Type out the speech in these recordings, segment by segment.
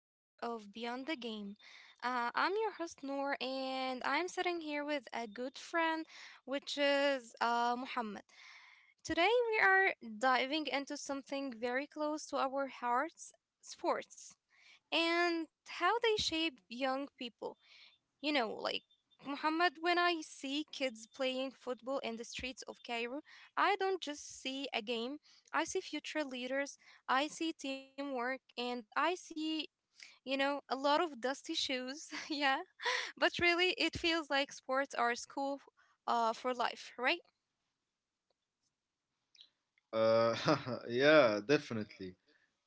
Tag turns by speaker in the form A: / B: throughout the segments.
A: episode of Beyond the Game. I'm your host Noor, and I'm sitting here with a good friend, which is Muhammad. Today, we are diving into something very close to our hearts sports and how they shape young people. You know, like Muhammad, when I see kids playing football in the streets of Cairo, I don't just see a game, I see future leaders, I see teamwork, and I see, a lot of dusty shoes. Yeah, but really, it feels like sports are school for life, right?
B: Uh, yeah, definitely.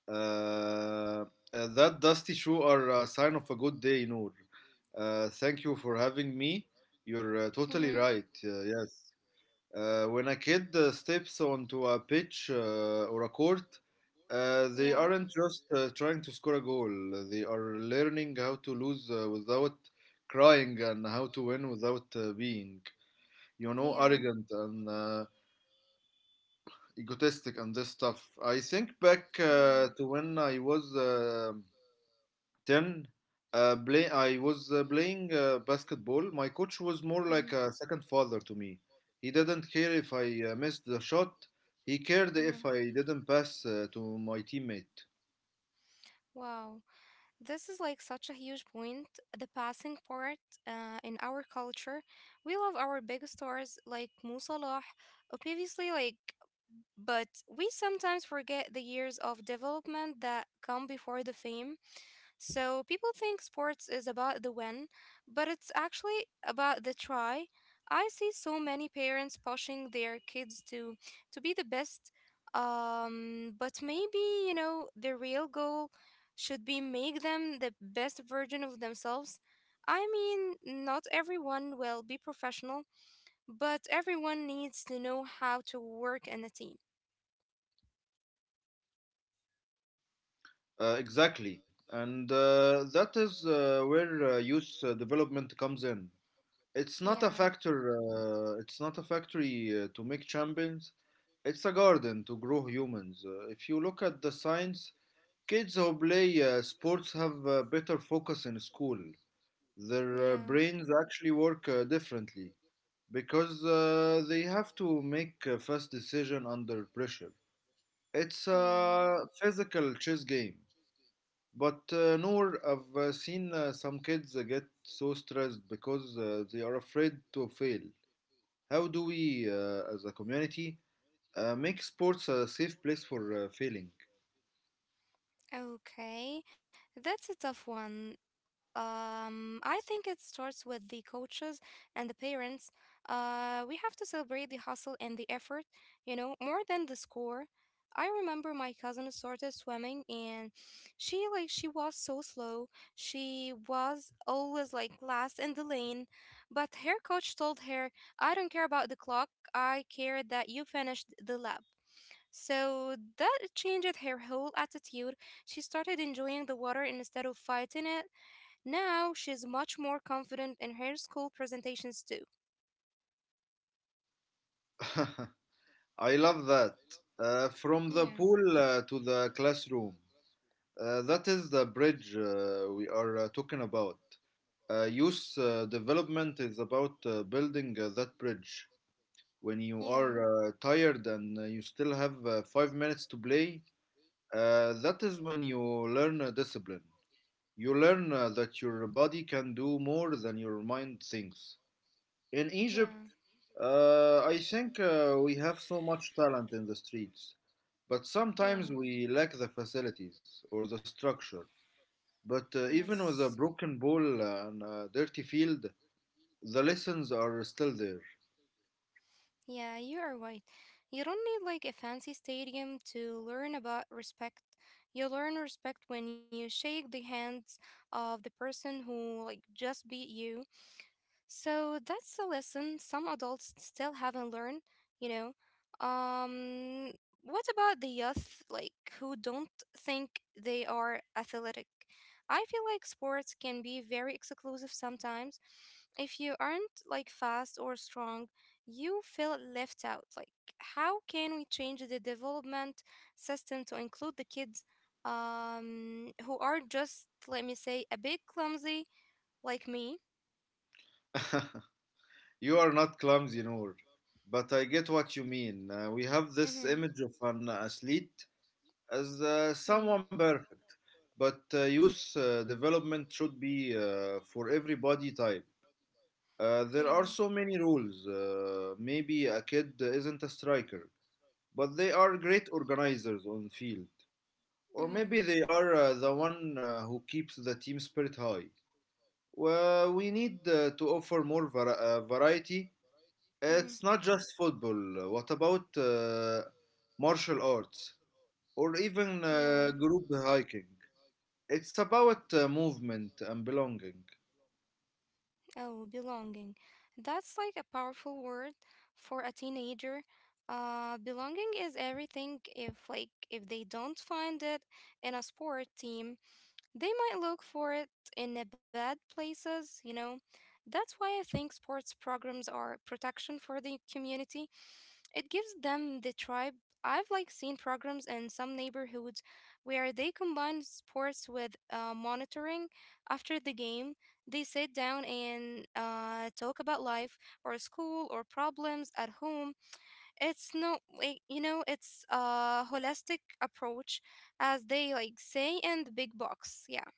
B: Uh, uh, that dusty shoe are a sign of a good day, Noor. Thank you for having me. You're totally
A: Mm hmm.
B: right. Yes. When a kid steps onto a pitch or a court, they
A: Yeah.
B: aren't just trying to score a goal. They are learning how to lose without crying and how to win without being,
A: Yeah.
B: arrogant and egotistic and this stuff. I think back
A: Yeah.
B: to when I was 10, I was playing basketball. My coach was more
A: Mhm.
B: like a second father to me. He didn't care if I missed the shot, he cared
A: Mhm.
B: if I didn't pass to my teammate.
A: Wow, this is like such a huge point. The passing part in our culture, we love our big stars like Mo Salah. Obviously, like but we sometimes forget the years of development that come before the fame. So people think sports is about the win, but it's actually about the try. I see so many parents pushing their kids to be the best. But maybe, you know, the real goal should be make them the best version of themselves. I mean, not everyone will be professional, but everyone needs to know how to work in a team.
B: Exactly. And that is where youth development comes in.
A: Yeah.
B: It's not a factory to make champions. It's a garden to grow humans. If you look at the science, kids who play sports have better focus in school. Their
A: Yeah,
B: brains actually work differently because they have to make a fast decision under pressure. It's
A: yeah.
B: a physical chess game. But Noor, I've seen some kids get so stressed because they are afraid to fail. How do we, as a community, make sports a safe place for failing?
A: Okay, that's a tough one. I think it starts with the coaches and the parents. We have to celebrate the hustle and the effort, you know, more than the score. I remember my cousin started swimming and she was so slow. She was always like last in the lane, but her coach told her, "I don't care about the clock. I care that you finished the lap." So that changed her whole attitude. She started enjoying the water instead of fighting it. Now she's much more confident in her school presentations too.
B: I love that. From the
A: Yeah.
B: pool to the classroom. That is the bridge we are talking about. Youth development is about building that bridge. When you are
A: Yeah,
B: tired and you still have 5 minutes to play, that is when you learn discipline. You learn that your body can do more than your mind thinks. In Egypt,
A: yeah,
B: I think we have so much talent in the streets, but
A: yeah,
B: sometimes we lack the facilities or the structure. But even with a
A: yes.
B: broken ball and a dirty field, the lessons are still there.
A: Yeah, you are right. You don't need like a fancy stadium to learn about respect. You learn respect when you shake the hands of the person who like just beat you. So that's a lesson some adults still haven't learned, you know. Um, what about the youth, like, who don't think they are athletic? I feel like sports can be very exclusive sometimes. If you aren't, like, fast or strong, you feel left out. Like, how can we change the development system to include the kids who are just, let me say, a bit clumsy, like me?
B: You are not clumsy, Noor. But I get what you mean. We have this
A: Mm-hmm.
B: image of an athlete as
A: Yeah.
B: someone perfect, but youth development should be for every body type. There
A: Yeah.
B: are so many rules. Maybe a kid isn't a striker, but they are great organizers on field. Or
A: Mhm.
B: maybe they are the one who keeps the team spirit high. Well, we need to offer more variety.
A: Mhm.
B: It's not just football. What about martial arts or even
A: Yeah.
B: group hiking? It's about movement and belonging.
A: Oh, belonging. That's like a powerful word for a teenager. Belonging is everything. If they don't find it in a sport team, they might look for it in the bad places. You know. That's why I think sports programs are protection for the community. It gives them the tribe. I've like seen programs in some neighborhoods where they combine sports with monitoring. After the game, they sit down and talk about life or school or problems at home. It's no, like, you know, it's a holistic approach, as they like say in the big box. Yeah.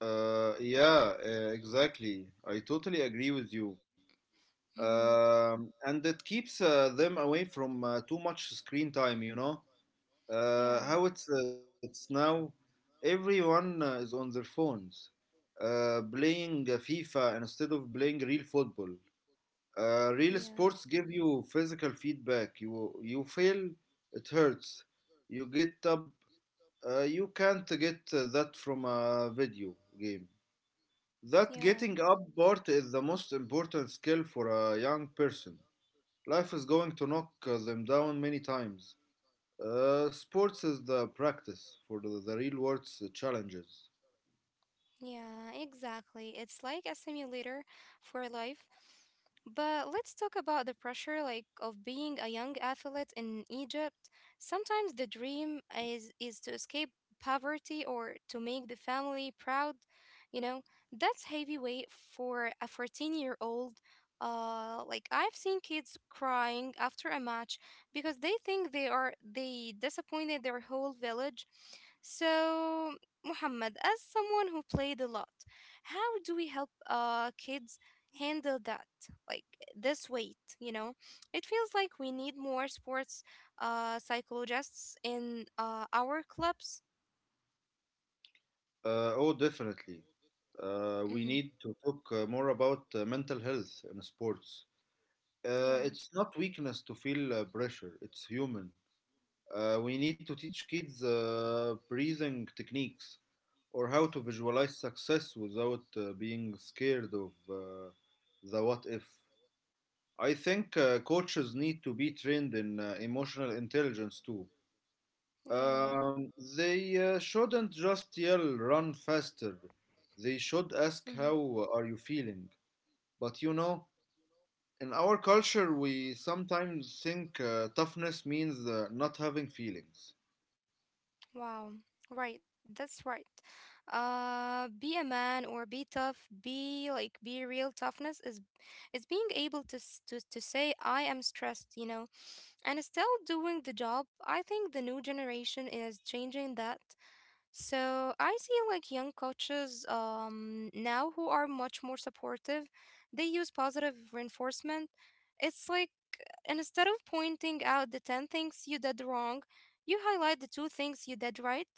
B: Yeah, exactly. I totally agree with you.
A: Hmm.
B: And it keeps them away from too much screen time you know
A: Yeah.
B: uh, It's now everyone is on their phones playing fifa instead of playing real football. Real
A: Yeah.
B: sports give you physical feedback, you feel it hurts, you get up. You can't get that from a video game. That
A: Yeah.
B: getting up part is the most important skill for a young person. Life is going to knock them down many times. Sports is the practice for the real world's challenges.
A: Yeah, exactly. It's like a simulator for life. But let's talk about the pressure like of being a young athlete in Egypt. Sometimes the dream is to escape poverty or to make the family proud, you know. That's heavy weight for a 14-year-old. Like I've seen kids crying after a match because they think they disappointed their whole village. So Muhammad, as someone who played a lot, how do we help kids handle that? Like this weight, you know? It feels like we need more sports psychologists in our clubs.
B: Oh, definitely. We
A: Hmm.
B: need to talk more about mental health in sports.
A: Yeah,
B: It's not weakness to feel pressure, it's human. We need to teach kids breathing techniques or how to visualize success without being scared of the what if. I think coaches need to be trained in emotional intelligence too.
A: yeah.
B: Um, they shouldn't just yell, run faster. They should ask,
A: Hmm.
B: how are you feeling? But you know, in our culture, we sometimes think toughness means not having feelings.
A: Wow. Right, that's right. Be a man or be tough. Be real. Toughness is being able to to say I am stressed. You know, and still doing the job. I think the new generation is changing that. So I see like young coaches now who are much more supportive. They use positive reinforcement. It's like and instead of pointing out the 10 things you did wrong, you highlight the two things you did right,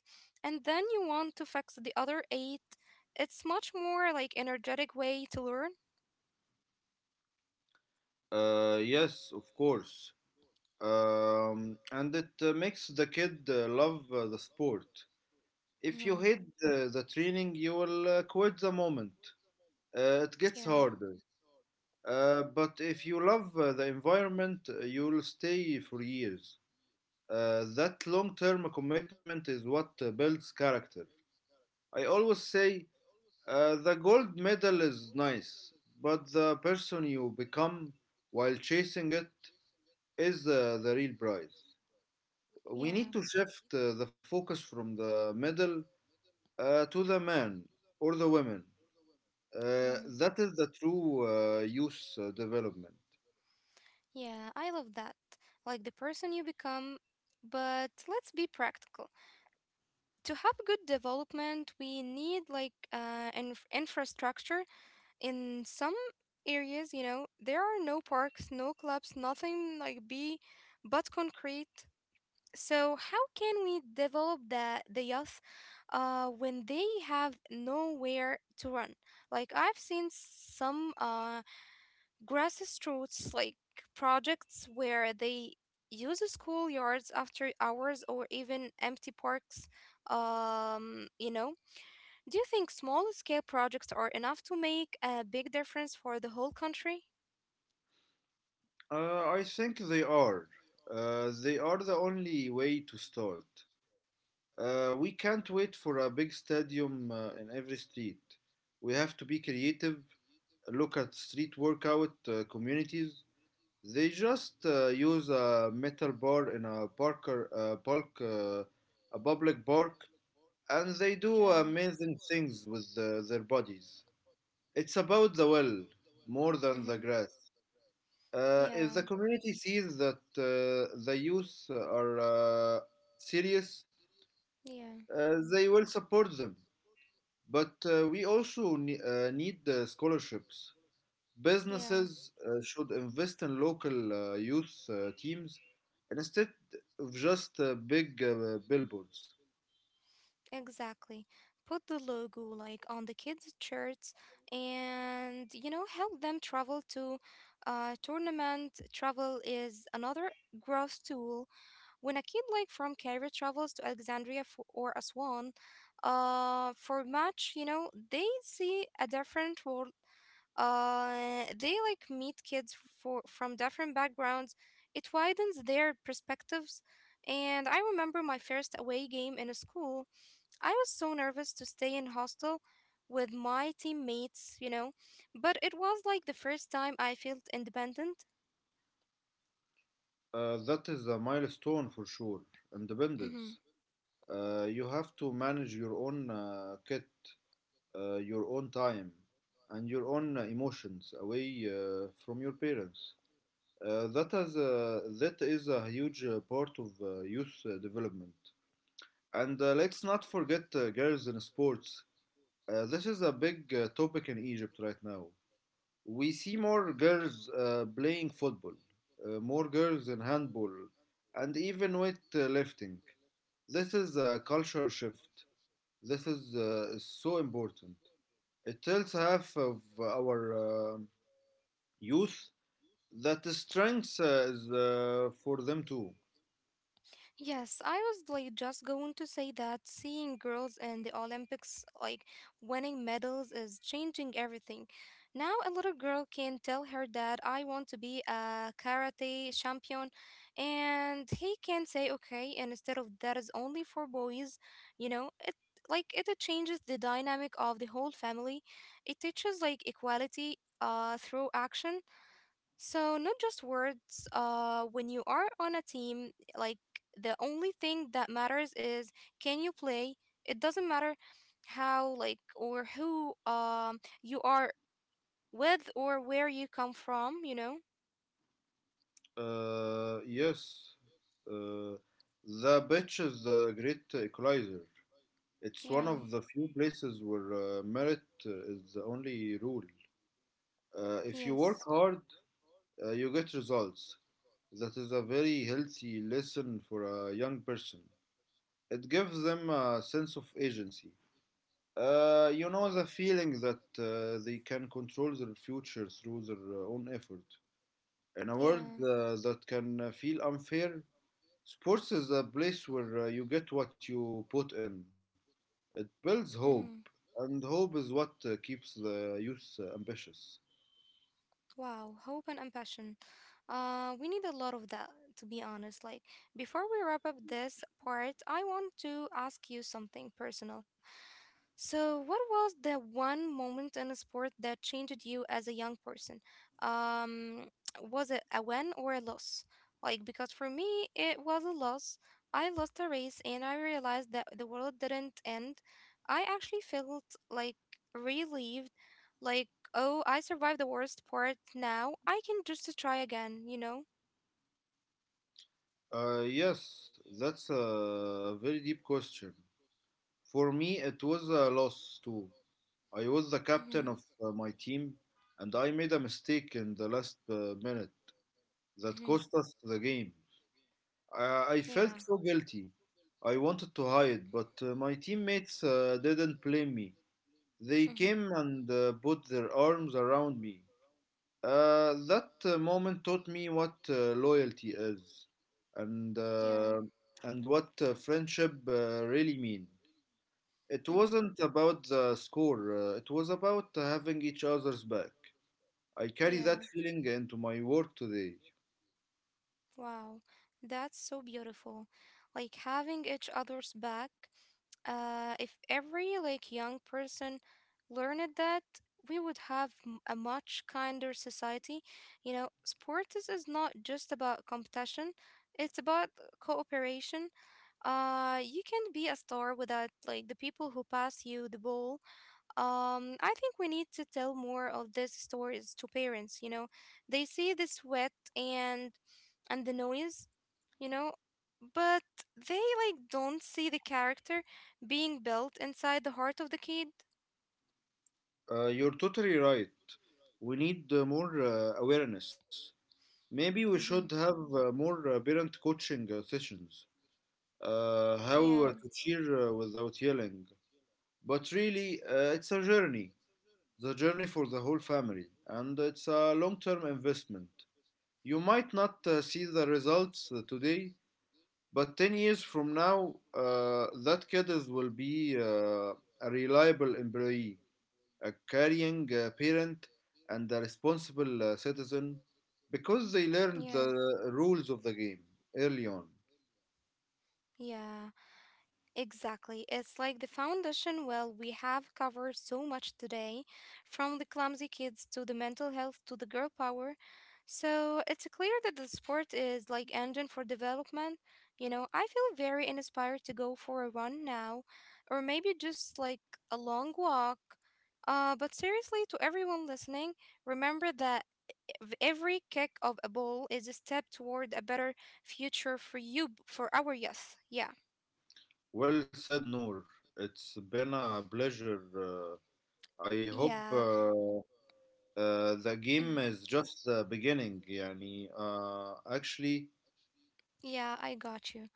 A: and then you want to fix the other eight. It's much more like energetic way to learn.
B: Yes, of course. And it makes the kid love the sport. If you
A: Mhm.
B: hate the training, you will quit the moment it gets
A: Yeah.
B: harder. But if you love the environment, you'll stay for years. That long term commitment is what builds character. I always say the gold medal is nice, but the person you become while chasing it is the real prize. We need
A: Yeah,
B: to shift the focus from the medal to the man or the woman.
A: yeah,
B: That is the true youth development.
A: yeah. I love that. Like the person you become. But let's be practical. To have good development, we need like an infrastructure. In some areas, you know, there are no parks, no clubs, nothing like be but concrete. So how can we develop the youth when they have nowhere to run? Like I've seen some grassroots like projects where they use schoolyards after hours or even empty parks, um, you know, do you think small scale projects are enough to make a big difference for the whole country?
B: I think they are. They are the only way to start. We can't wait for a big stadium in every street. We have to be creative, look at street workout communities. They just use a metal bar in a park, a public park, and they do
A: Yeah.
B: amazing things with their bodies. It's about the well more than the
A: Hmm.
B: grass. If
A: Yeah.
B: the community sees that the youth are serious,
A: Yeah.
B: they will support them. But we also need scholarships.
A: Yeah.
B: Businesses should invest in local youth teams instead of just big billboards.
A: Exactly. Put the logo like on the kids' shirts and you know help them travel to tournament. Travel is another growth tool. When a kid like from Cairo travels to Alexandria f or Aswan for match, you know, they see a different world. They like meet kids for from different backgrounds. It widens their perspectives. And I remember my first away game in a school. I was so nervous to stay in hostel with my teammates, you know, but it was like the first time I felt independent.
B: That is a milestone for sure.
A: Mhm.
B: Independence. You have to manage your own kit, your own time and your own emotions away from your parents. That is a huge part of youth development. And let's not forget girls in sports. This is a big topic in Egypt right now. We see more girls playing football, more girls in handball, and even weightlifting. This is a culture shift. This is so important. It tells half of our youth that the strength is for them too.
A: Yes, I was like just going to say that seeing girls in the Olympics like winning medals is changing everything. Now a little girl can tell her dad, I want to be a karate champion, and he can say okay, and instead of that is only for boys, you know, it like it changes the dynamic of the whole family. It teaches like equality through action so, not just words, when you are on a team, like the only thing that matters is can you play? It doesn't matter how, like, or who you are with or where you come from, you know?
B: Uh, yes, uh, the beach is the great equalizer. It's one
A: Yeah,
B: of the few places where merit is the only rule. If you work
A: yes,
B: hard, you get results. That is a very healthy lesson for a young person. It gives them a sense of agency. You know the feeling that they can control their future through their own effort. In a world
A: yeah.
B: that can feel unfair, sports is a place where you get what you put in. It builds
A: Mm-hmm.
B: hope, and hope is what keeps the youth ambitious.
A: Wow, hope and compassion. We need a lot of that, to be honest. Like, before we wrap up this part, I want to ask you something personal. So, what was the one moment in a sport that changed you as a young person? Um, was it a win or a loss? Like, because for me, it was a loss. I lost a race and I realized that the world didn't end. I actually felt like relieved, like, oh, I survived the worst part now. I can just try again, you know?
B: Yes, that's a very deep question. For me, it was a loss too. I was the
A: Mm-hmm.
B: captain of my team, and I made a mistake in the last minute that
A: Mm-hmm.
B: cost us the game. I
A: Yeah.
B: felt so guilty. I wanted to hide, but my teammates didn't blame me. They
A: Mm-hmm.
B: came and put their arms around me. That moment taught me what loyalty is and,
A: Yeah.
B: uh, and what friendship really mean. It
A: Mm-hmm.
B: wasn't about the score, it was about having each other's back. I carry that
A: Yeah.
B: feeling into my work today.
A: Wow, that's so beautiful. Like having each other's back. If every like young person learned that, we would have a much kinder society. You know, sport is not just about competition; it's about cooperation. You can be a star without like the people who pass you the ball. I think we need to tell more of these stories to parents. You know, they see the sweat and the noise, you know, but they like don't see the character being built inside the heart of the kid.
B: You're totally right. We need more awareness. Maybe we should
A: Mm-hmm.
B: have more parent coaching sessions. How
A: Yeah.
B: to cheer without yelling. But really, it's a journey. The journey for the whole family. And it's a long term investment. You might not see the results today, but 10 years from now, that kid will be a reliable employee, a caring parent, and a responsible citizen because they learned
A: Yeah.
B: the rules of the game early on.
A: Yeah. Exactly. It's like the foundation. Well, we have covered so much today, from the clumsy kids to the mental health to the girl power. So it's clear that the sport is like engine for development. You know, I feel very inspired to go for a run now, or maybe just like a long walk. But seriously, to everyone listening, remember that every kick of a ball is a step toward a better future for you, for our youth. Yeah.
B: Well said, Noor. It's been a pleasure. Uh, I hope
A: Yeah.
B: uh, uh, the game
A: Mhm.
B: is just the beginning. يعني, actually,
A: Yeah, I got you.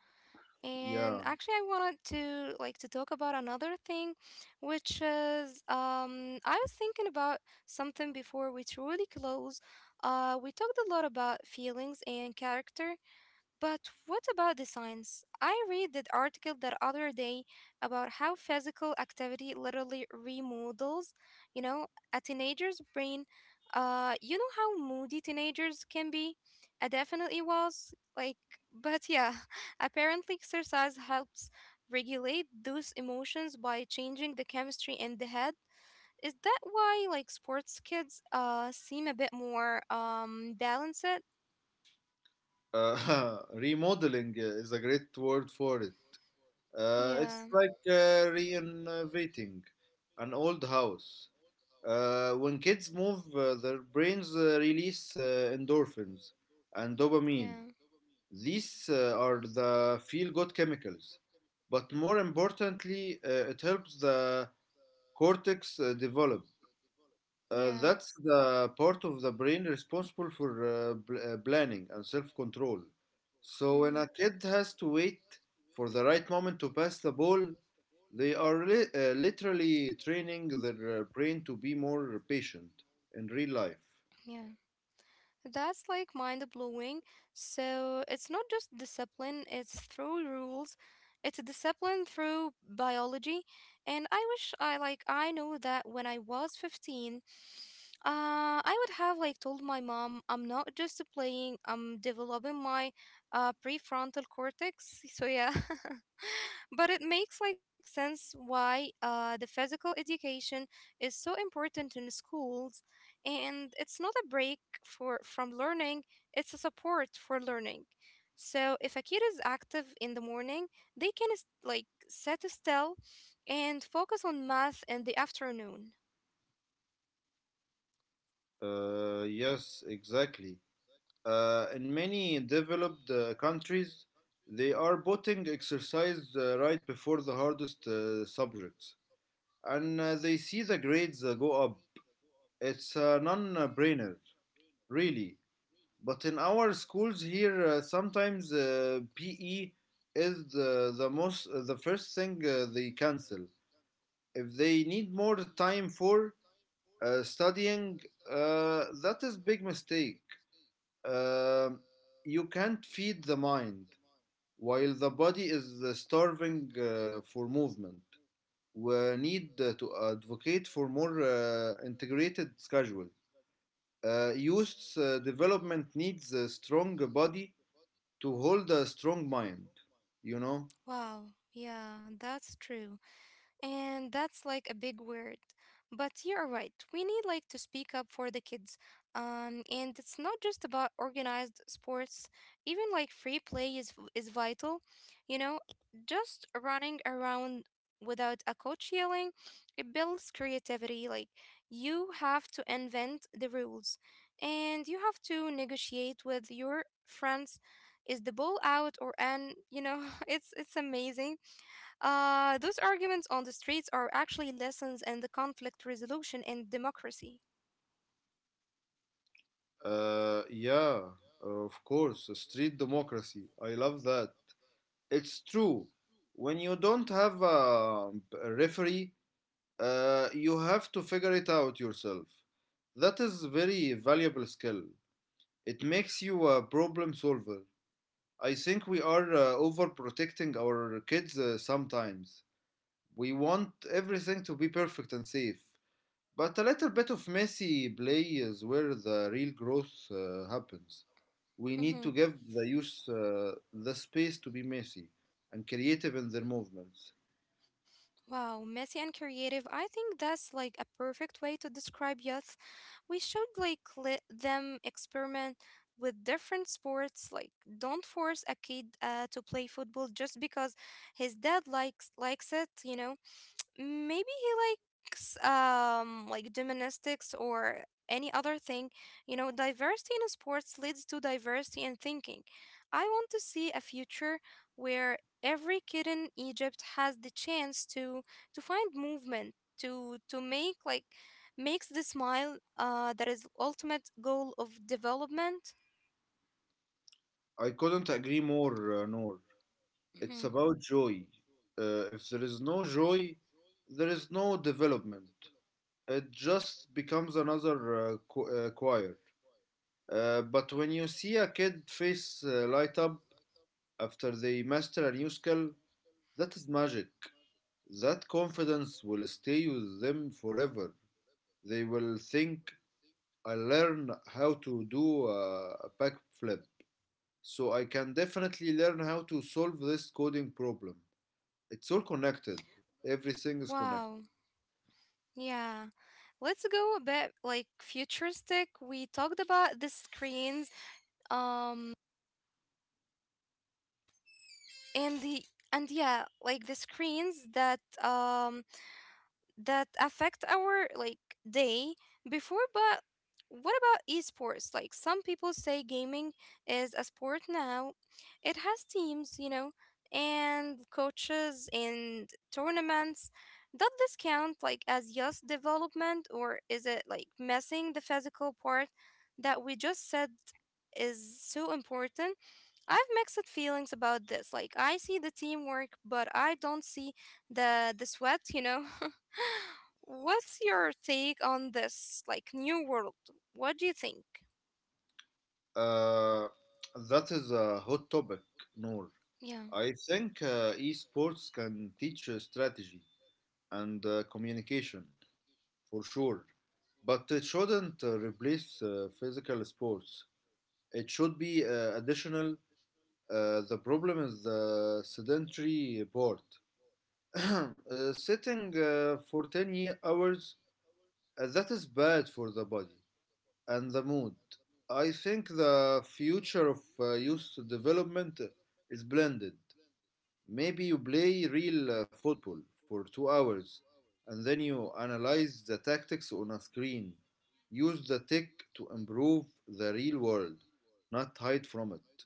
A: And
B: yeah,
A: actually, I wanted to talk about another thing, which is I was thinking about something before we truly close. We talked a lot about feelings and character, but what about the science? I read that article the other day about how physical activity literally remodels, you know, a teenager's brain. You know how moody teenagers can be? I definitely was. Like, but yeah, apparently exercise helps regulate those emotions by changing the chemistry in the head. Is that why like sports kids seem a bit more balanced?
B: remodeling is a great word for it.
A: Yeah,
B: It's like renovating an old house. When kids move, their brains release endorphins and dopamine.
A: yeah,
B: These are the feel good chemicals. But more importantly, it helps the cortex develop.
A: yeah.
B: That's the part of the brain responsible for planning and self control. So when
A: Mm-hmm.
B: a kid has to wait for the right moment to pass the ball, they are literally training their brain to be more patient in real life.
A: Yeah, that's like mind blowing. So it's not just discipline, it's through rules. It's a discipline through biology. And I wish I knew that when I was 15, I would have like told my mom I'm not just playing, I'm developing my prefrontal cortex. So yeah. But it makes like sense why the physical education is so important in schools, and it's not a break for from learning; it's a support for learning. So if a kid is active in the morning, they can sit still and focus on math in the afternoon.
B: Yes, exactly. In many developed countries, they are putting exercise right before the hardest subjects, and they see the grades go up. It's a non-brainer, really. But in our schools here, sometimes PE is the first thing they cancel if they need more time for studying. That is big mistake. Uh, you can't feed the mind while the body is starving for movement. We need to advocate for more integrated schedule. Youth's development needs a strong body to hold a strong mind. You know.
A: Wow, yeah, that's true. And that's like a big word. But you're right. We need to speak up for the kids. And it's not just about organized sports. Even like free play is vital. You know, just running around without a coach yelling, it builds creativity. Like you have to invent the rules, and you have to negotiate with your friends. Is the ball out or in? It's amazing those arguments on the streets are actually lessons in the conflict resolution and democracy.
B: Yeah, of course, street democracy. I love that. It's true. When you don't have a referee, you have to figure it out yourself. That is a very valuable skill. It makes you a problem solver. I think we are overprotecting our kids sometimes. We want everything to be perfect and safe. But a little bit of messy play is where the real growth happens. We need to
A: Hmm.
B: give the youth the space to be messy and creative in their movements.
A: Wow, messy and creative. I think that's like a perfect way to describe youth. We should let them experiment with different sports. Like, don't force a kid to play football just because his dad likes it. You know. Maybe he likes gymnastics or any other thing, you know, diversity in sports leads to diversity in thinking. I want to see a future where every kid in Egypt has the chance to find movement to make like makes the smile, that is ultimate goal of development.
B: I couldn't agree more, Noor. It's
A: Mhm.
B: about joy. If there is no joy, there is no development. It just becomes another choir. But when you see a kid face light up after they master a new skill, that is magic. That confidence will stay with them forever. They will think, I learned how to do a backflip, so I can definitely learn how to solve this coding problem. It's all connected. Everything is
A: Wow.
B: connected.
A: Yeah. Let's go a bit like futuristic. We talked about the screens, um and the and yeah, like the screens that that affect our like day before, but what about esports? Like some people say gaming is a sport now. It has teams, you know, and coaches and tournaments. Does this count like as youth development, or is it like missing the physical part that we just said is so important? I have mixed feelings about this. Like I see the teamwork, but I don't see the sweat, you know. What's your take on this like new world? What do you think?
B: Uh, that is a hot topic, Noor.
A: Yeah.
B: I think esports can teach strategy and communication for sure, but it shouldn't replace physical sports. It should be additional. The problem is the sedentary part. Sitting for 10 hours, that is bad for the body and the mood. I think the future of youth development is blended. Maybe you play real football for 2 hours and then you analyze the tactics on a screen. Use the tech to improve the real world, not hide from it.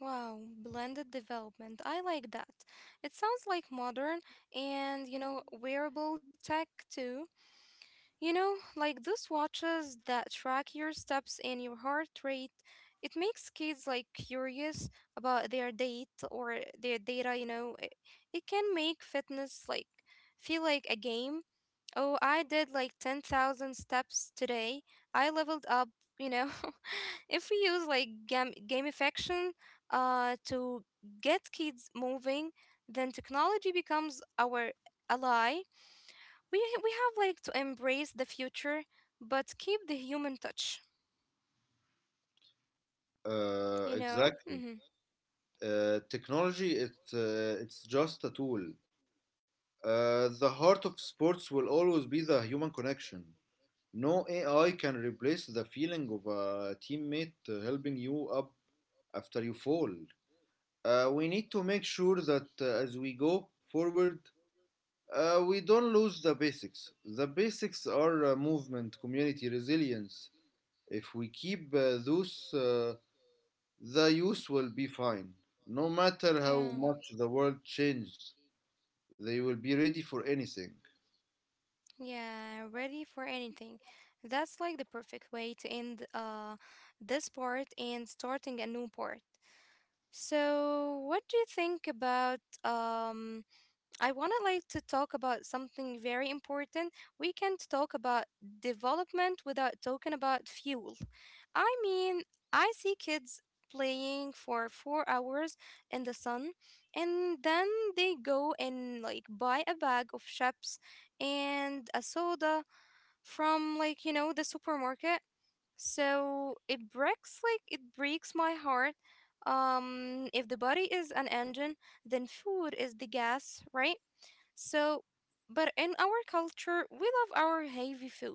A: Wow, blended development. I like that. It sounds like modern and, you know, wearable tech too. You know, like those watches that track your steps and your heart rate, it makes kids like curious about their date or their data, you know. It can make fitness like feel like a game. Oh, I did like 10,000 steps today. I leveled up, you know. If we use like gamification to get kids moving, then technology becomes our ally. We have to embrace the future but keep the human touch, you know.
B: Exactly.
A: Hmm.
B: Technology, it's just a tool. The heart of sports will always be the human connection. No AI can replace the feeling of a teammate helping you up after you fall. We need to make sure that as we go forward, we don't lose the basics. The basics are movement, community, resilience. If we keep those, the youth will be fine. No matter how
A: Yeah.
B: much the world changes, they will be ready for anything.
A: Yeah, ready for anything. That's like the perfect way to end this part and starting a new part. So what do you think about I want to talk about something very important. We can't talk about development without talking about fuel. I mean, I see kids playing for 4 hours in the sun and then they go and like buy a bag of chips and a soda from, like, you know, the supermarket. So it breaks my heart. If the body is an engine, then food is the gas, right? So, but in our culture, we love our heavy food.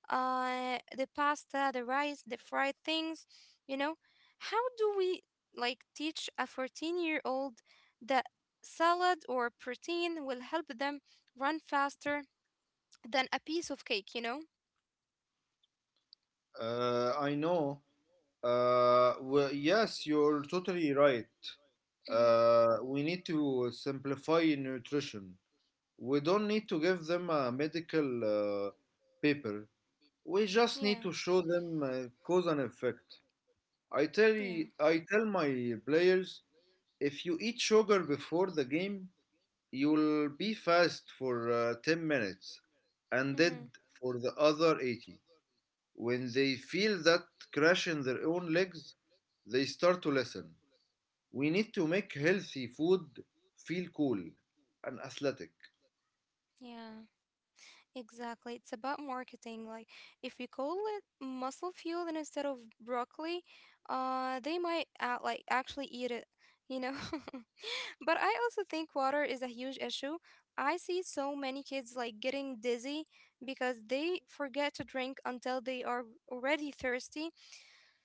A: The pasta, the rice, the fried things, you know. How do we like teach a 14-year-old that salad or protein will help them run faster than a piece of cake, you know?
B: I know. Yes, you're totally right.
A: Mm-hmm.
B: We need to simplify nutrition. We don't need to give them a medical paper. We just
A: Yeah,
B: need to show them cause and effect. I tell
A: yeah.
B: y- I tell my players, if you eat sugar before the game, you'll be fast for 10 minutes and
A: Mm-hmm.
B: dead for the other 80. When they feel that crash in their own legs, they start to listen. We need to make healthy food feel cool and athletic.
A: Yeah. Exactly. It's about marketing. Like if you call it muscle fuel and instead of broccoli, they might like actually eat it, you know. But I also think water is a huge issue. I see so many kids like getting dizzy because they forget to drink until they are already thirsty.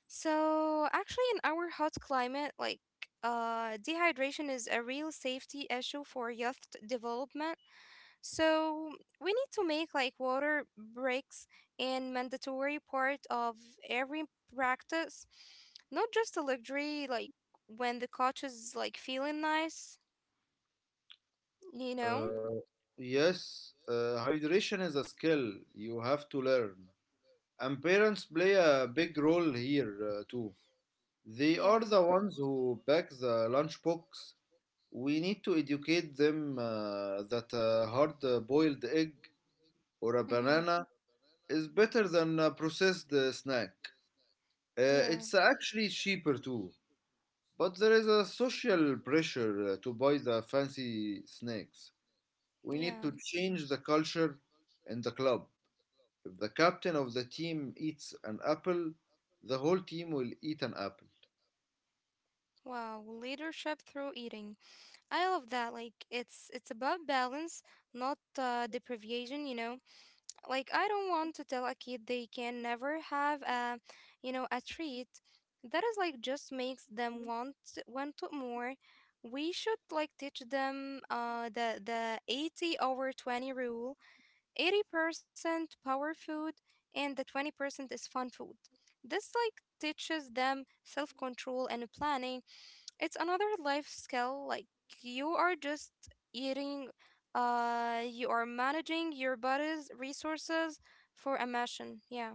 A: So actually in our hot climate, like dehydration is a real safety issue for youth development. So we need to make like water breaks and mandatory part of every practice, not just a luxury like when the coach is like feeling nice, you know?
B: Uh, yes, hydration is a skill you have to learn. And parents play a big role here too. They are
A: Yeah.
B: the ones who pack the lunchbox. We need to educate them that a hard boiled egg or a
A: Mm-hmm.
B: banana is better than a processed snack.
A: Yeah.
B: It's actually cheaper too, but there is a social pressure to buy the fancy snacks. We need to
A: Yeah.
B: change the culture in the club. If the captain of the team eats an apple, the whole team will eat an apple.
A: Wow, leadership through eating. I love that. Like it's about balance, not deprivation, you know. Like I don't want to tell a kid they can never have a, you know, a treat. That is like just makes them want it more. We should like teach them the 80 over 20 rule. 80% power food and the 20% is fun food. This like teaches them self-control and planning, it's another life skill. Like you are just eating, you are managing your body's resources for a mission. Yeah.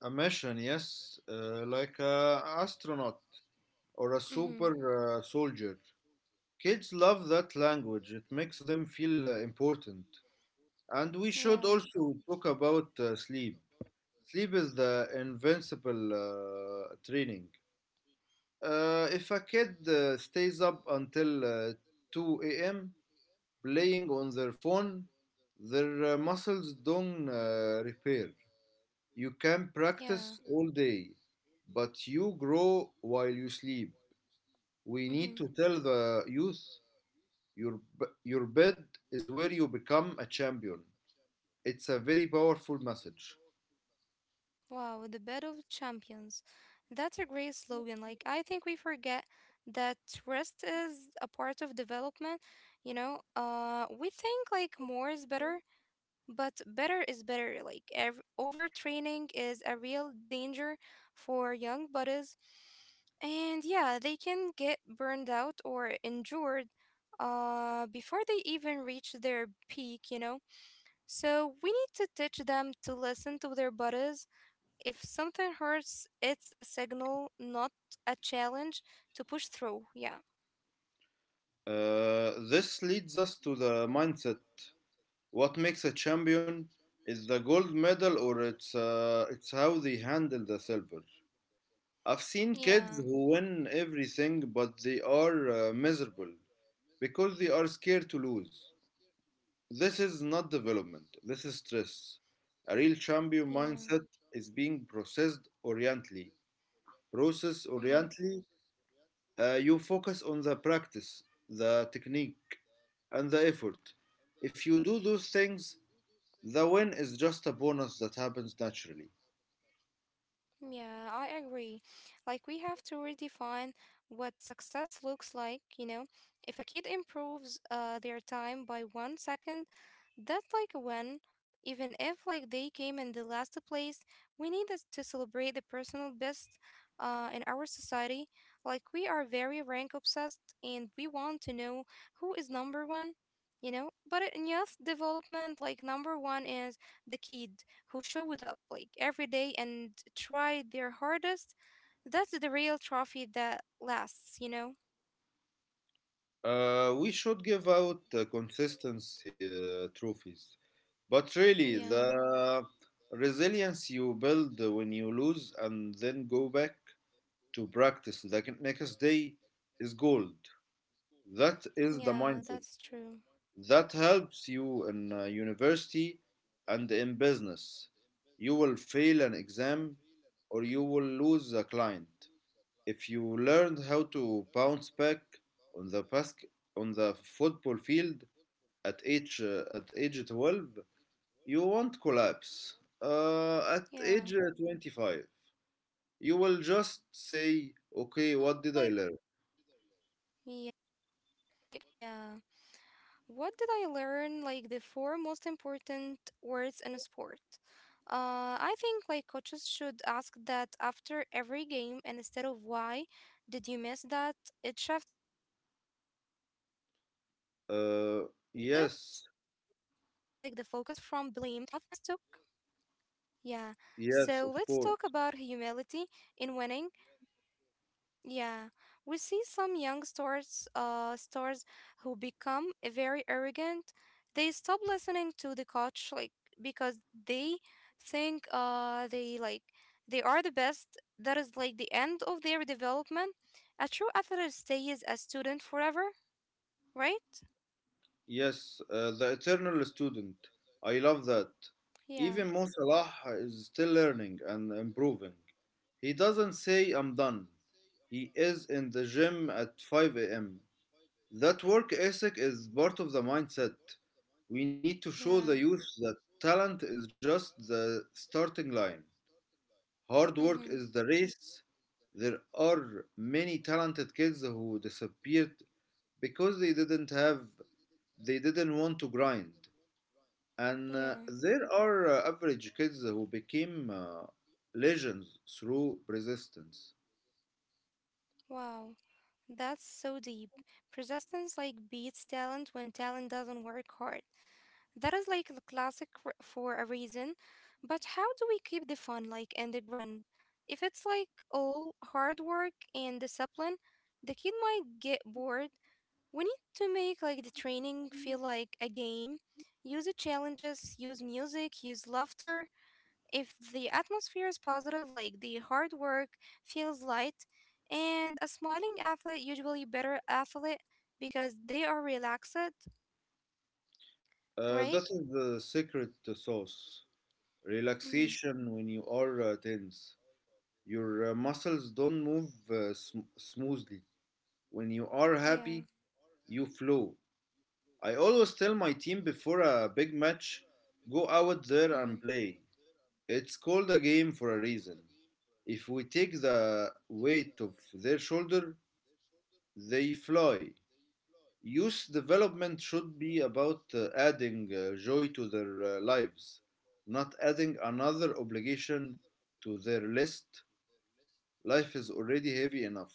B: A mission, yes, like a astronaut or a
A: Mm-hmm.
B: super soldier. Kids love that language. It makes them feel important. And we
A: Yeah.
B: should also talk about sleep. Sleep is the invincible training. If a kid stays up until 2 a.m. playing on their phone, their muscles don't repair. You can
A: Yeah.
B: practice all day, but you grow while you sleep. We
A: Mm-hmm.
B: need to tell the youth your, your bed is where you become a champion. It's a very powerful message.
A: Wow, the bed of champions. That's a great slogan. Like, I think we forget that rest is a part of development. We think like more is better, but better is better. Like, overtraining is a real danger for young bodies. And yeah, they can get burned out or injured before they even reach their peak, you know? So we need to teach them to listen to their bodies. If something hurts, it's a signal, not a challenge to push through. Yeah.
B: This leads us to the mindset. What makes a champion is the gold medal, or it's how they handle the silver. I've seen
A: Yeah.
B: kids who win everything, but they are miserable because they are scared to lose. This is not development. This is stress. A real champion
A: Yeah.
B: mindset is being processed orientally. Process
A: Hmm.
B: orientally, you focus on the practice, the technique, and the effort. If you do those things, the win is just a bonus that happens naturally.
A: Yeah, I agree. Like, we have to redefine what success looks like, you know? If a kid improves their time by 1 second, that like when even if like they came in the last place, we need us to celebrate the personal best in our society. Like we are very rank obsessed and we want to know who is number one, you know, but in youth development like number one is the kid who showed up like every day and tried their hardest. That's the real trophy that lasts, you know.
B: We should give out consistency trophies. But really,
A: Yeah.
B: the resilience you build when you lose and then go back to practice the next day is gold. That is the
A: Yeah,
B: mindset.
A: that's true.
B: That helps you in university and in business. You will fail an exam or you will lose a client. If you learned how to bounce back on the basket, on the football field at age 12, you won't collapse uh, at
A: Yeah.
B: age uh, 25. You will just say,
A: Yeah,
B: okay,
A: at the
B: what
A: edge,
B: did I
A: like
B: learn?
A: yeah. What did I learn? Like the four most important words in a sport. I think like coaches should ask that after every game, and instead of why did you miss that? It shifts like the focus from blame to growth.
B: uh,
A: And you know,
B: yes
A: let's talk. Yeah. So let's talk about humility
B: yes of
A: in
B: course.
A: winning. Yeah, we see some young stars, who become very arrogant. They stop listening to the coach, like because they think they are the best. That is like the end of their development. A true athlete stays a student forever, right?
B: Yes, the eternal student. I love that.
A: Yeah,
B: Even Mo Salah is still learning and improving. He doesn't say I'm done. He is in the gym at 5 a.m. That work ethic is part of the mindset. We need to show the
A: yeah,
B: youth that talent is just the starting line. Hard work is
A: mm-hmm,
B: the race. There are many talented kids who disappeared because they didn't want to grind. And
A: yeah.
B: there are average kids who became legends through resistance.
A: Wow, that's so deep. Persistence like beats talent when talent doesn't work hard. That is like the classic for a reason. But how do we keep the fun like and the grand? If it's like all hard work and discipline, the kid might get bored. We need to make like the training feel like a game. Use the challenges, use music, use laughter. If the atmosphere is positive, like the hard work feels light, and a smiling athlete usually better athlete because they are relaxed,
B: Uh,
A: right?
B: that is the secret sauce.
A: Mm-hmm.
B: Relaxation. When you are tense, your muscles don't move smoothly. When you are happy,
A: Yeah.
B: you flow. I always tell my team before a big match, go out there
A: Mhm.
B: and play. It's called a game for a reason. If we take the weight of their shoulder, they fly. Youth development should be about adding joy to their lives, not adding another obligation to their list. Life is already heavy enough.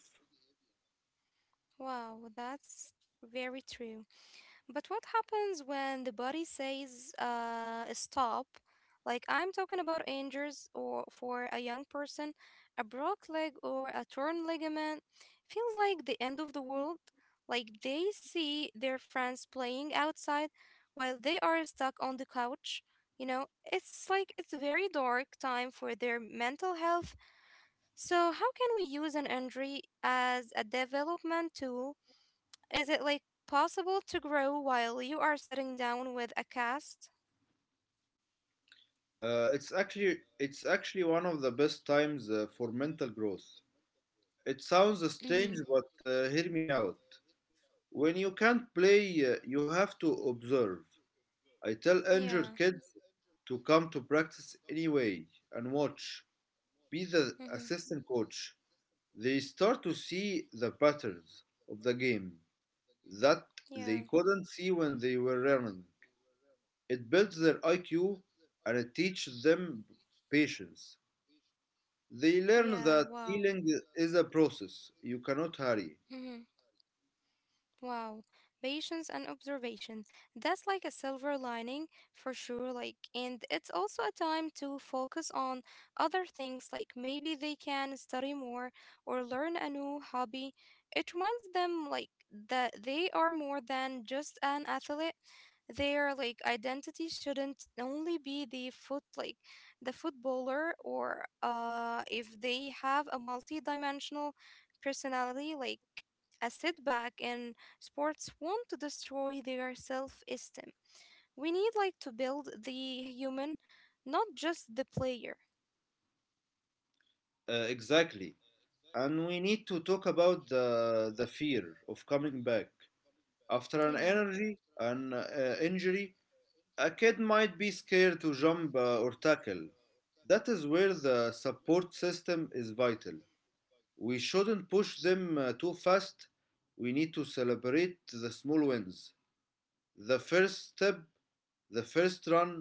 A: Wow, that's very true. But what happens when the body says stop? Like I'm talking about injuries or for a young person, a broke leg or a torn ligament feels like the end of the world. Like they see their friends playing outside while they are stuck on the couch. You know, it's a very dark time for their mental health. So, how can we use an injury as a development tool? Is it like possible to grow while you are sitting down with a cast?
B: It's actually one of the best times for mental growth. It sounds strange,
A: Mm-hmm.
B: but hear me out. When you can't play, you have to observe. I tell injured
A: Yeah.
B: kids to come to practice anyway and watch. Be the
A: Mm-hmm.
B: assistant coach. They start to see the patterns of the game that they
A: Yeah.
B: couldn't see when they were running. It builds their IQ and it teaches them patience. They learn
A: Yeah.
B: that
A: Wow.
B: healing is a process. You cannot hurry.
A: Wow, patience and observation. That's like a silver lining for sure. Like, and it's also a time to focus on other things, like maybe they can study more or learn a new hobby. It reminds them, like, that they are more than just an athlete. Their like identity shouldn't only be the footballer, or if they have a multi-dimensional personality, like a setback in sports want to destroy their self esteem. We need like to build the human, not just the player.
B: Exactly. And we need to talk about the fear of coming back after an
A: Yeah.
B: energy, an uh, injury. A kid might be scared to jump or tackle. That is where the support system is vital. We shouldn't push them too fast. We need to celebrate the small wins. The first step, the first run,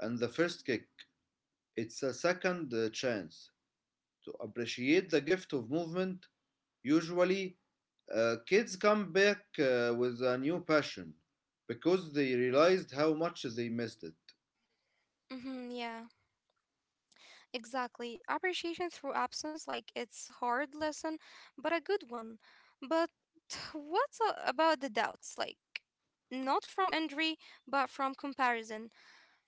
B: and the first kick. It's a second chance to appreciate the gift of movement. Usually, kids come back with a new passion because they realized how much they missed it.
A: Hmm. Yeah, exactly. Appreciation through absence, like it's hard lesson, but a good one. But what's about the doubts? Like, not from injury, but from comparison.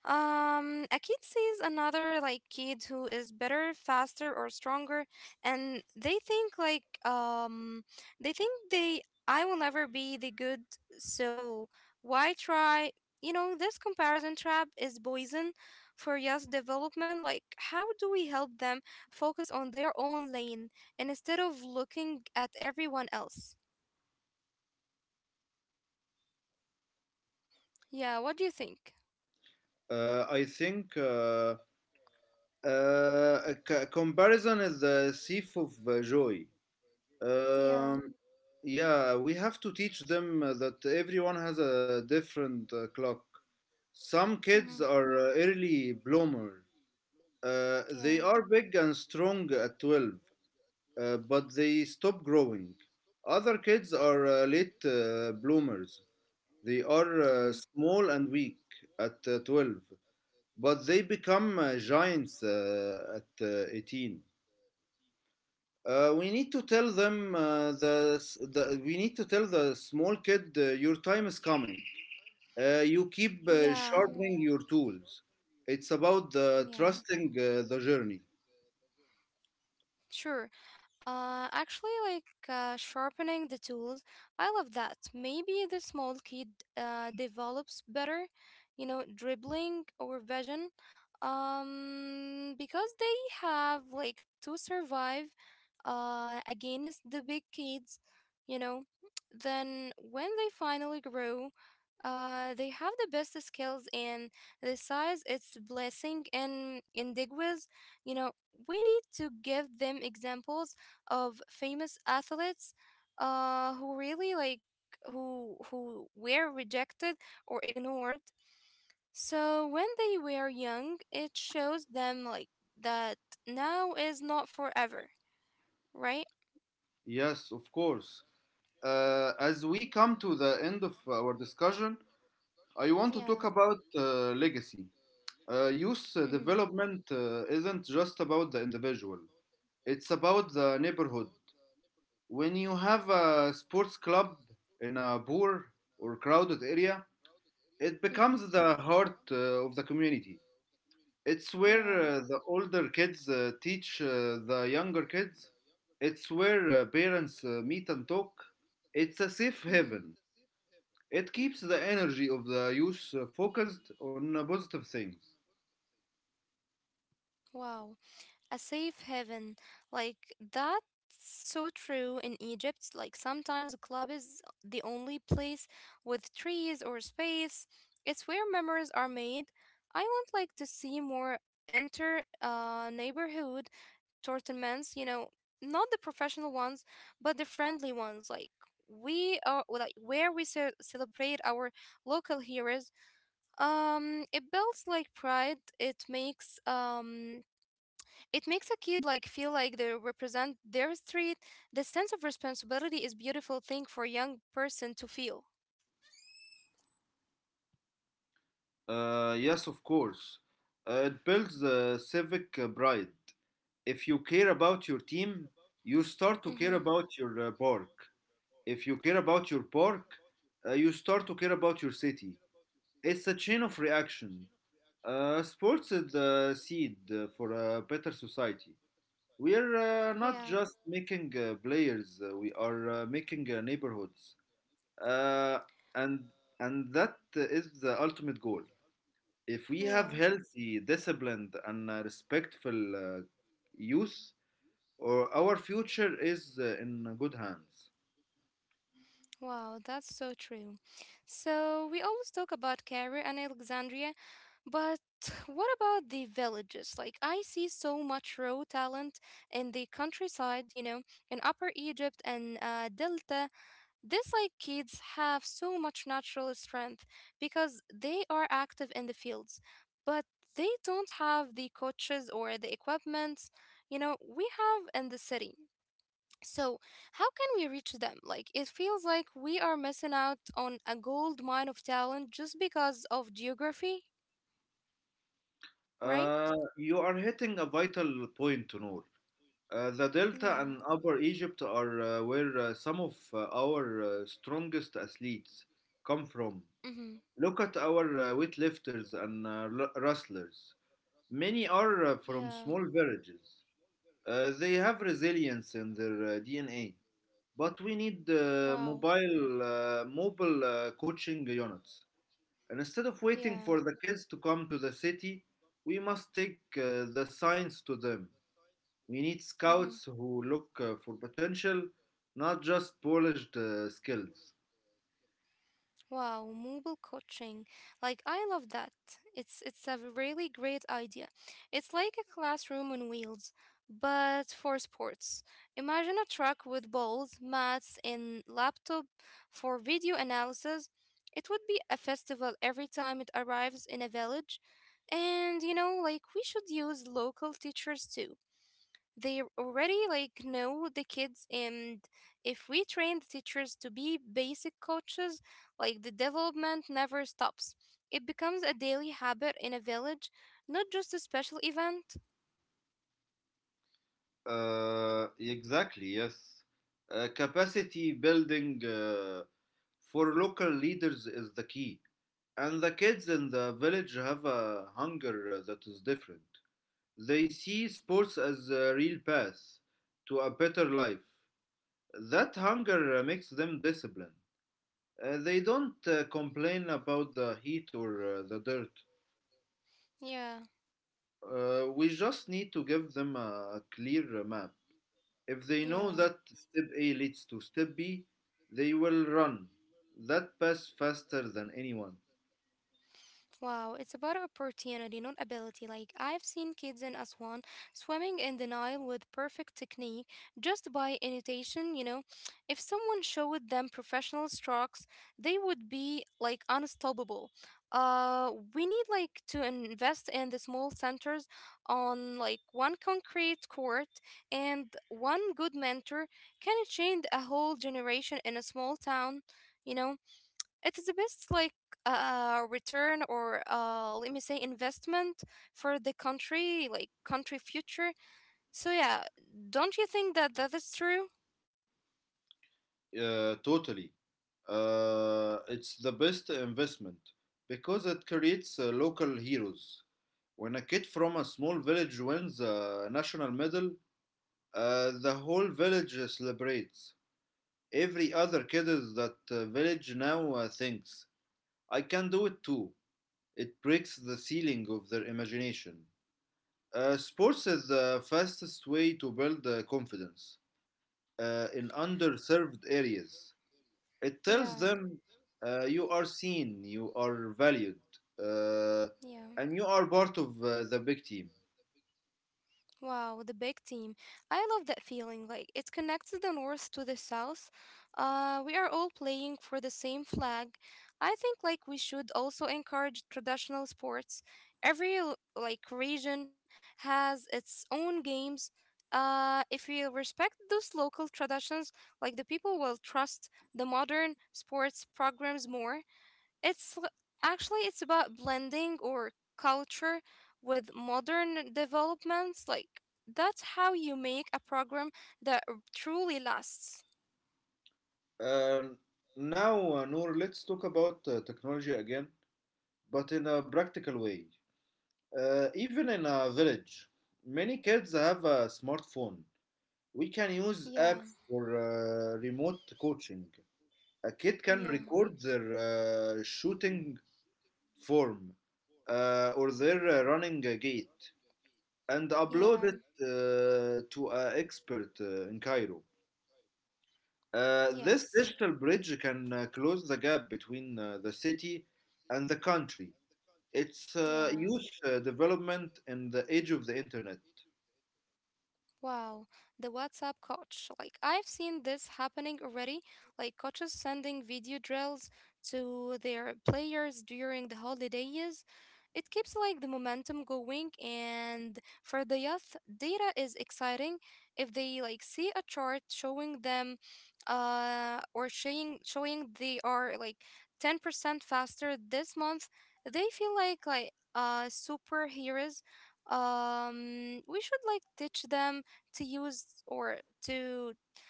A: A kid sees another like kid who is better, faster, or stronger, and they think like they think they I will never be the good, so why try? You know, this comparison trap is poison for youth development. Like, how do we help them focus on their own lane and instead of looking at everyone else? Yeah, what do you think?
B: I think a comparison is the thief of joy.
A: Yeah.
B: Um, yeah, we have to teach them that everyone has a different clock. Some kids
A: Mm-hmm.
B: are early bloomers. They
A: Yeah.
B: are big and strong at 12, but they stop growing. Other kids are late bloomers. They are
A: Mm-hmm.
B: small and weak at 12, but they become giants at 18. We need to tell them the we need to tell the small kid your time is coming. You keep
A: Yeah.
B: sharpening your tools. It's about the
A: Yeah.
B: trusting the journey.
A: Sure. Actually, like sharpening the tools, I love that. Maybe the small kid develops better, you know, dribbling or vision, because they have like to survive against the big kids, you know. Then when they finally grow, they have the best skills and the size. It's blessing and in Digwiz, you know. We need to give them examples of famous athletes who really like who were rejected or ignored. So when they were young, it shows them like that now is not forever, right?
B: Yes, of course. As we come to the end of our discussion, I want to talk
A: Yeah.
B: about legacy. Youth
A: Mm-hmm.
B: development isn't just about the individual. It's about the neighborhood. When you have a sports club in a poor or crowded area, it
A: Mm-hmm.
B: becomes the heart of the community. It's where
A: Yeah.
B: the older kids teach the younger kids. It's where parents meet and talk. It's a safe
A: Mm-hmm.
B: haven. It keeps the energy of the youth focused on positive things.
A: Wow, a safe haven. Like that's so true in Egypt. Like sometimes a club is the only place with trees or space. It's where memories are made. I would like to see more enter neighborhood tournaments, you know, not the professional ones, but the friendly ones, like we are like where we celebrate our local heroes. It builds like pride. It makes it makes a kid like feel like they represent their street. The sense of responsibility is beautiful thing for a young person to feel.
B: Yes, of course. It builds civic pride. If you care about your team, you start to care
A: Mm-hmm.
B: about your park. If you care about your park, you start to care about your city. It's a chain of reaction. Sports is the seed for a better society. We are not
A: Yeah.
B: just making players; we are making neighborhoods, uh, and that is the ultimate goal. If we have
A: Yeah.
B: healthy, disciplined, and respectful youth, or our future is in good hands.
A: Wow, that's so true. So we always talk about Cairo and Alexandria, but what about the villages? Like I see so much raw talent in the countryside, you know, in Upper Egypt and Delta. This like kids have so much natural strength because they are active in the fields, but they don't have the coaches or the equipment, you know, we have in the city. So, how can we reach them? Like, it feels like we are missing out on a gold mine of talent just because of geography, right?
B: You are hitting a vital point, Noor. The Delta
A: Yeah.
B: and Upper Egypt are where some of our strongest athletes come from.
A: Mm-hmm.
B: Look at our weightlifters and wrestlers. Many are from
A: Yeah.
B: small villages. They have resilience in their DNA, but we need
A: Wow.
B: mobile coaching units. And instead of waiting
A: Yeah.
B: for the kids to come to the city, we must take the science to them. We need
A: Mm-hmm.
B: scouts who look for potential, not just polished skills.
A: Wow, mobile coaching. Like I love that. It's a really great idea. It's like a classroom on wheels, but for sports. Imagine a truck with balls, mats, and laptop for video analysis. It would be a festival every time it arrives in a village. And you know, like we should use local teachers too. They already like know the kids, and if we train the teachers to be basic coaches, like the development never stops. It becomes a daily habit in a village, not just a special event.
B: Exactly, yes. Capacity building for local leaders is the key. And the kids in the village have a hunger that is different. They see sports as a real path to a better life. That hunger makes them disciplined. They don't complain about the heat or the dirt.
A: Yeah,
B: We just need to give them a clear map. If they know that
A: yeah.
B: step A leads to step B, they will run that pass faster than anyone.
A: Wow, it's about opportunity, not ability. Like, I've seen kids in Aswan swimming in the Nile with perfect technique just by imitation, you know. If someone showed them professional strokes, they would be like unstoppable. We need like to invest in the small centers, on like one concrete court and one good mentor can change a whole generation in a small town, you know. It is the best like return, or let me say investment, for the country, like country future. So yeah, don't you think that that is true?
B: Totally. It's the best investment because it creates local heroes. When a kid from a small village wins a national medal, the whole village celebrates. Every other kid in that village now thinks, I can do it too. It breaks the ceiling of their imagination. Sports is the fastest way to build confidence in underserved areas. It tells
A: Yeah,
B: them, you are seen, you are valued, uh,
A: yeah.
B: and you are part of the big team.
A: Wow, the big team. I love that feeling. Like it connects the north to the south. We are all playing for the same flag. I think like we should also encourage traditional sports. Every like region has its own games. If we respect those local traditions, like the people will trust the modern sports programs more. It's l- Actually it's about blending or culture with modern developments. Like that's how you make a program that truly lasts.
B: Um, now, Noor, let's talk about technology again, but in a practical way. Even in a village, many kids have a smartphone. We can use
A: Yeah,
B: apps for remote coaching. A kid can
A: yeah,
B: record their shooting form or their running gait and
A: yeah,
B: upload it to an expert in Cairo. This
A: yes,
B: digital bridge can close the gap between the city and the country. It's
A: yeah.
B: youth development in the age of the internet.
A: Wow, the WhatsApp coach. Like, I've seen this happening already. Like, coaches sending video drills to their players during the holidays. It keeps like the momentum going, and for the youth, data is exciting. If they like see a chart showing them, uh, or showing they are like 10% faster this month, they feel like superheroes. We should like teach them to use, or to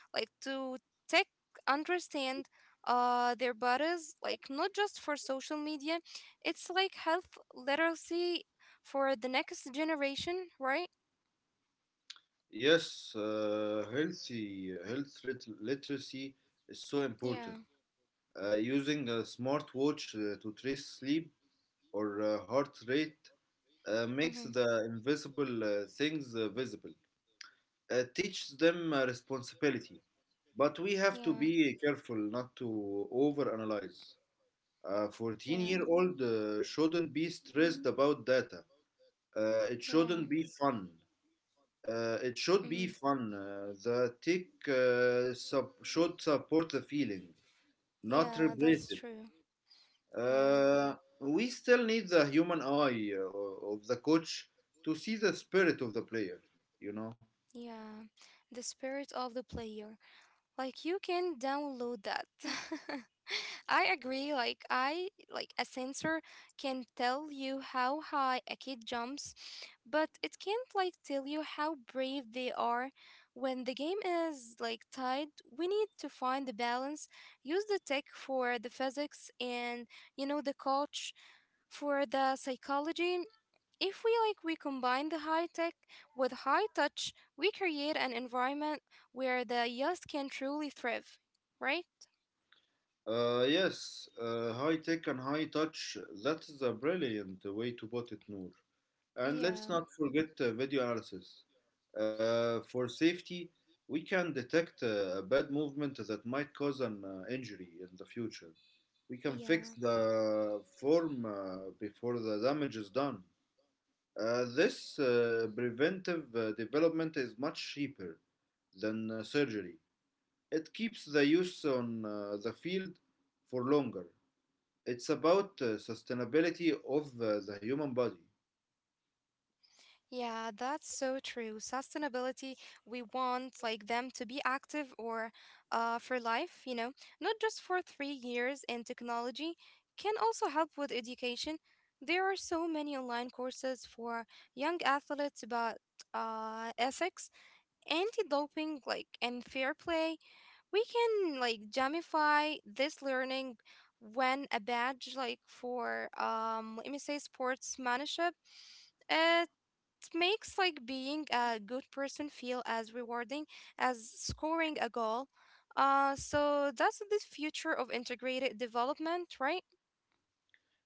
A: like to tech understand their bodies, like not just for social media. It's like health literacy for the next generation, right?
B: Yes, health literacy is so
A: Yeah.
B: important. Using a smartwatch to trace sleep or heart rate makes
A: Mm-hmm.
B: the invisible things visible. It teaches them responsibility, but we have to
A: Yeah.
B: be careful not to overanalyze. A 14-year-old
A: Yeah.
B: year old shouldn't be stressed about data. It
A: Yeah.
B: shouldn't be fun. It should
A: Mm-hmm.
B: be fun. The tick sup- should support the feeling, not
A: Yeah,
B: replace
A: that's
B: it.
A: true. Yeah.
B: We still need the human eye of the coach to see the spirit of the player, you know?
A: Yeah, the spirit of the player. Like you can download that. I agree. Like I like a sensor can tell you how high a kid jumps, but it can't like tell you how brave they are. When the game is like tied, we need to find the balance. Use the tech for the physics and you know the coach for the psychology. If we like we combine the high tech with high touch, we create an environment where the youth can truly thrive, right?
B: Yes, high tech and high touch. That is a brilliant way to put it, Noor. And let's
A: Yeah,
B: not forget video analysis. For safety, we can detect a bad movement that might cause an injury in the future. We can fix
A: yeah.
B: the form before the damage is done. This preventive development is much cheaper than surgery. It keeps the use on the field for longer. It's about the sustainability of the human body.
A: Yeah, that's so true. Sustainability, we want like them to be active, or for life, you know, not just for 3 years. In technology, can also help with education. There are so many online courses for young athletes about ethics, anti-doping, like, and fair play. We can like gamify this learning. When a badge like for let me say sportsmanship, it makes like being a good person feel as rewarding as scoring a goal. So that's the future of integrated development, right?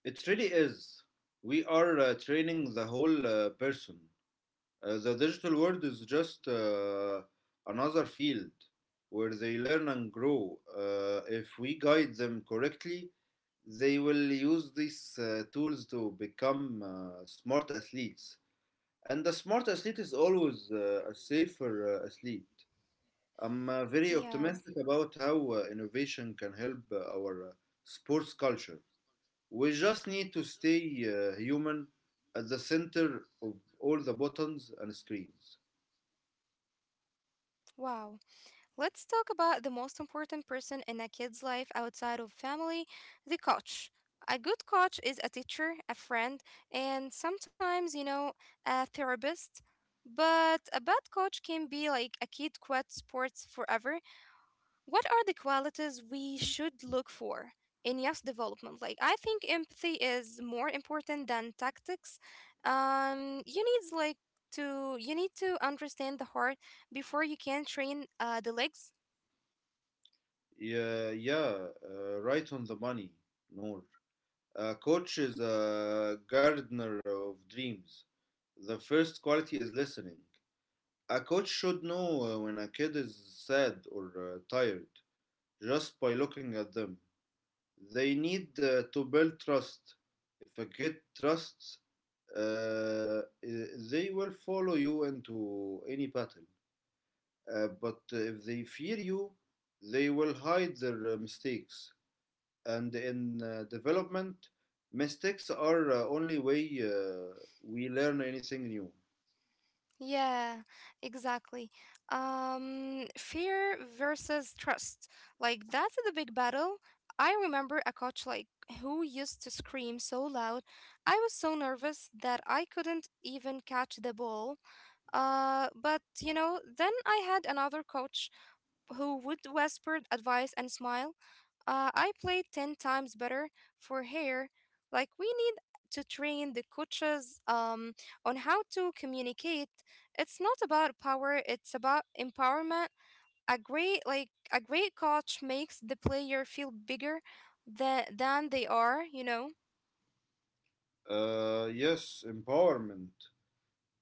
B: It really is. We are training the whole person. The digital world is just another field where they learn and grow. If we guide them correctly, they will use these tools to become smart athletes. And the smart athlete is always a safer athlete. I'm very
A: Yeah.
B: optimistic about how innovation can help our sports culture. We just need to stay human at the center of all the buttons and screens.
A: Wow. Let's talk about the most important person in a kid's life outside of family: the coach. A good coach is a teacher, a friend, and sometimes, you know, a therapist. But a bad coach can be like a kid quit sports forever. What are the qualities we should look for in youth development? Like, I think empathy is more important than tactics. You needs like to you need to understand the heart before you can train the legs.
B: Yeah, right on the money, Noor. A coach is a gardener of dreams. The first quality is listening. A coach should know when a kid is sad or tired just by looking at them. They need to build trust. If a kid trusts, they will follow you into any pattern. But if they fear you, they will hide their mistakes. And in development, mistakes are only way we learn anything new.
A: Yeah, exactly. Fear versus trust. Like that's the big battle. I remember a coach like who used to scream so loud. I was so nervous that I couldn't even catch the ball. But you know, then I had another coach who would whisper advice and smile. I played 10 times better for hair. Like, we need to train the coaches on how to communicate. It's not about power, it's about empowerment. A great, like, a great coach makes the player feel bigger than they are, you know?
B: Yes, empowerment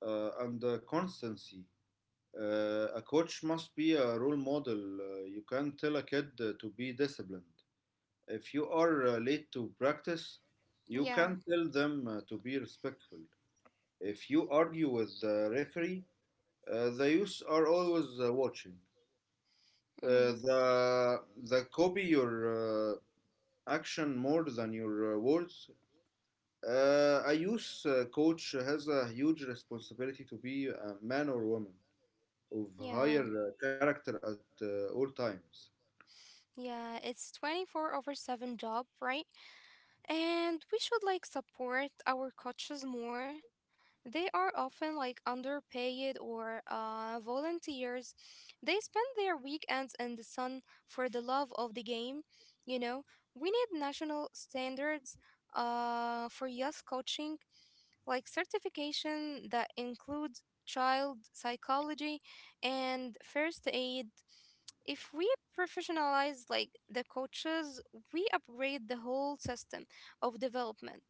B: and constancy. A coach must be a role model. You can't tell a kid to be disciplined. If you are late to practice, you
A: Yeah.
B: can tell them to be respectful. If you argue with the referee, the youth are always watching.
A: Mm-hmm.
B: The copy your action more than your words. A youth coach has a huge responsibility to be a man or woman of
A: Yeah.
B: higher character at all times.
A: Yeah. It's 24 over 7 job, right? And we should like support our coaches more. They are often like underpaid, or volunteers. They spend their weekends in the sun for the love of the game. You know, we need national standards for youth coaching, like certification that includes child psychology and first aid. If we professionalize like the coaches, we upgrade the whole system of development.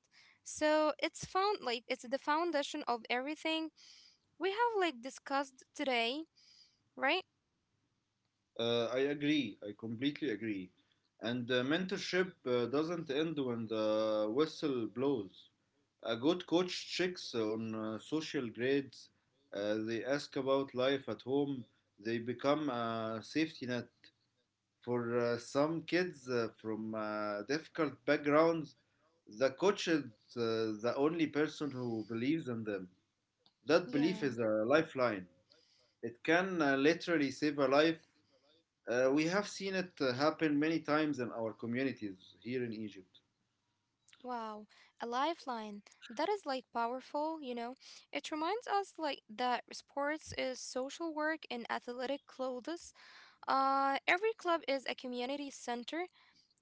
A: So it's found like it's the foundation of everything we have like discussed today, right?
B: I agree. I completely agree. And mentorship doesn't end when the whistle blows. A good coach checks on social grades. They ask about life at home. They become a safety net for some kids from difficult backgrounds. The coach is the only person who believes in them. That belief
A: Yeah.
B: is a lifeline. It can literally save a life. We have seen it happen many times in our communities here in Egypt.
A: Wow, a lifeline. That is like powerful, you know. It reminds us like that sports is social work in athletic clothes. Every club is a community center.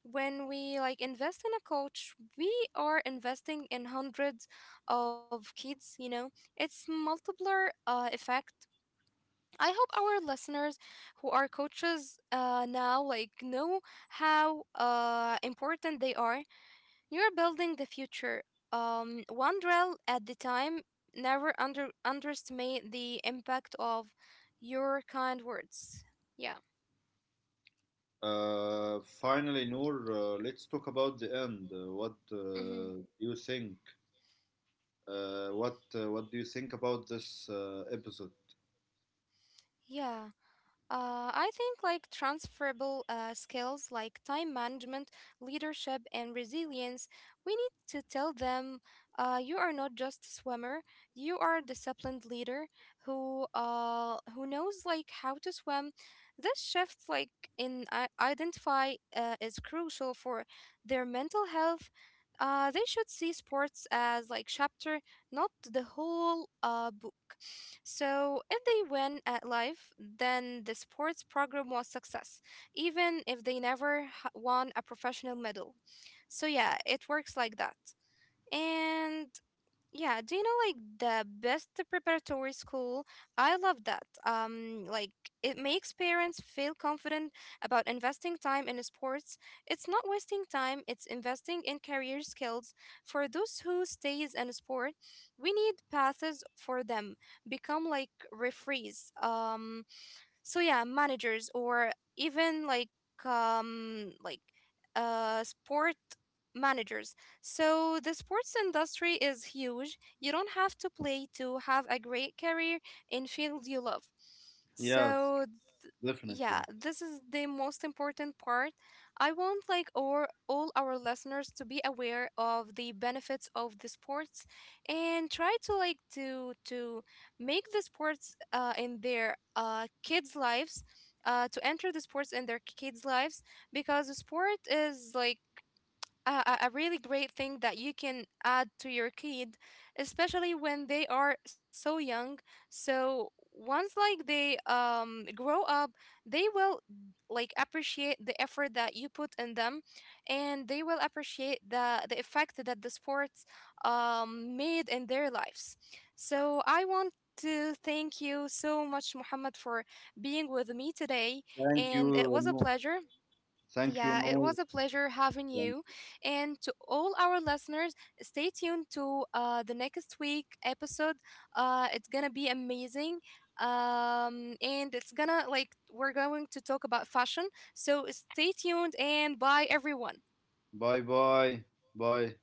A: When we like invest in a coach, we are investing in hundreds of kids, you know. It's multiplier effect. I hope our listeners who are coaches now like know how important they are. You're building the future, one drill at the time. Never underestimate the impact of your kind words. Yeah.
B: Finally, Noor, let's talk about the end. What
A: Hmm.
B: do you think? What do you think about this episode?
A: Yeah. I think like transferable skills like time management, leadership, and resilience. We need to tell them, you are not just a swimmer, you are a disciplined leader who knows like how to swim. This shift like in identify is crucial for their mental health. They should see sports as like chapter, not the whole book. So, if they win at life, then the sports program was success, even if they never won a professional medal. So, yeah, it works like that. And yeah, do you know like the best preparatory school? I love that. Like it makes parents feel confident about investing time in sports. It's not wasting time, it's investing in career skills. For those who stays in sport, we need paths for them. Become like referees. So yeah, managers, or even like um like sport managers. So the sports industry is huge. You don't have to play to have a great career in field you love.
B: Yes,
A: So, yeah,
B: definitely.
A: this is the most important part. I want like our all our listeners to be aware of the benefits of the sports, and try to like to make the sports in their kids' lives, to enter the sports in their kids' lives, because the sport is like a really great thing that you can add to your kid, especially when they are so young. So once like they grow up, they will like appreciate the effort that you put in them, and they will appreciate the effect that the sports made in their lives. So I want to thank you so much, Muhammad, for being with me today,
B: Thank
A: and it
B: you,
A: was a
B: Noor.
A: pleasure.
B: Thank you,
A: Yeah, it
B: Noor.
A: was a pleasure having you. And to all our listeners, stay tuned to the next week episode. It's gonna be amazing. And it's gonna like we're going to talk about fashion. So stay tuned and bye everyone.
B: Bye, bye, bye.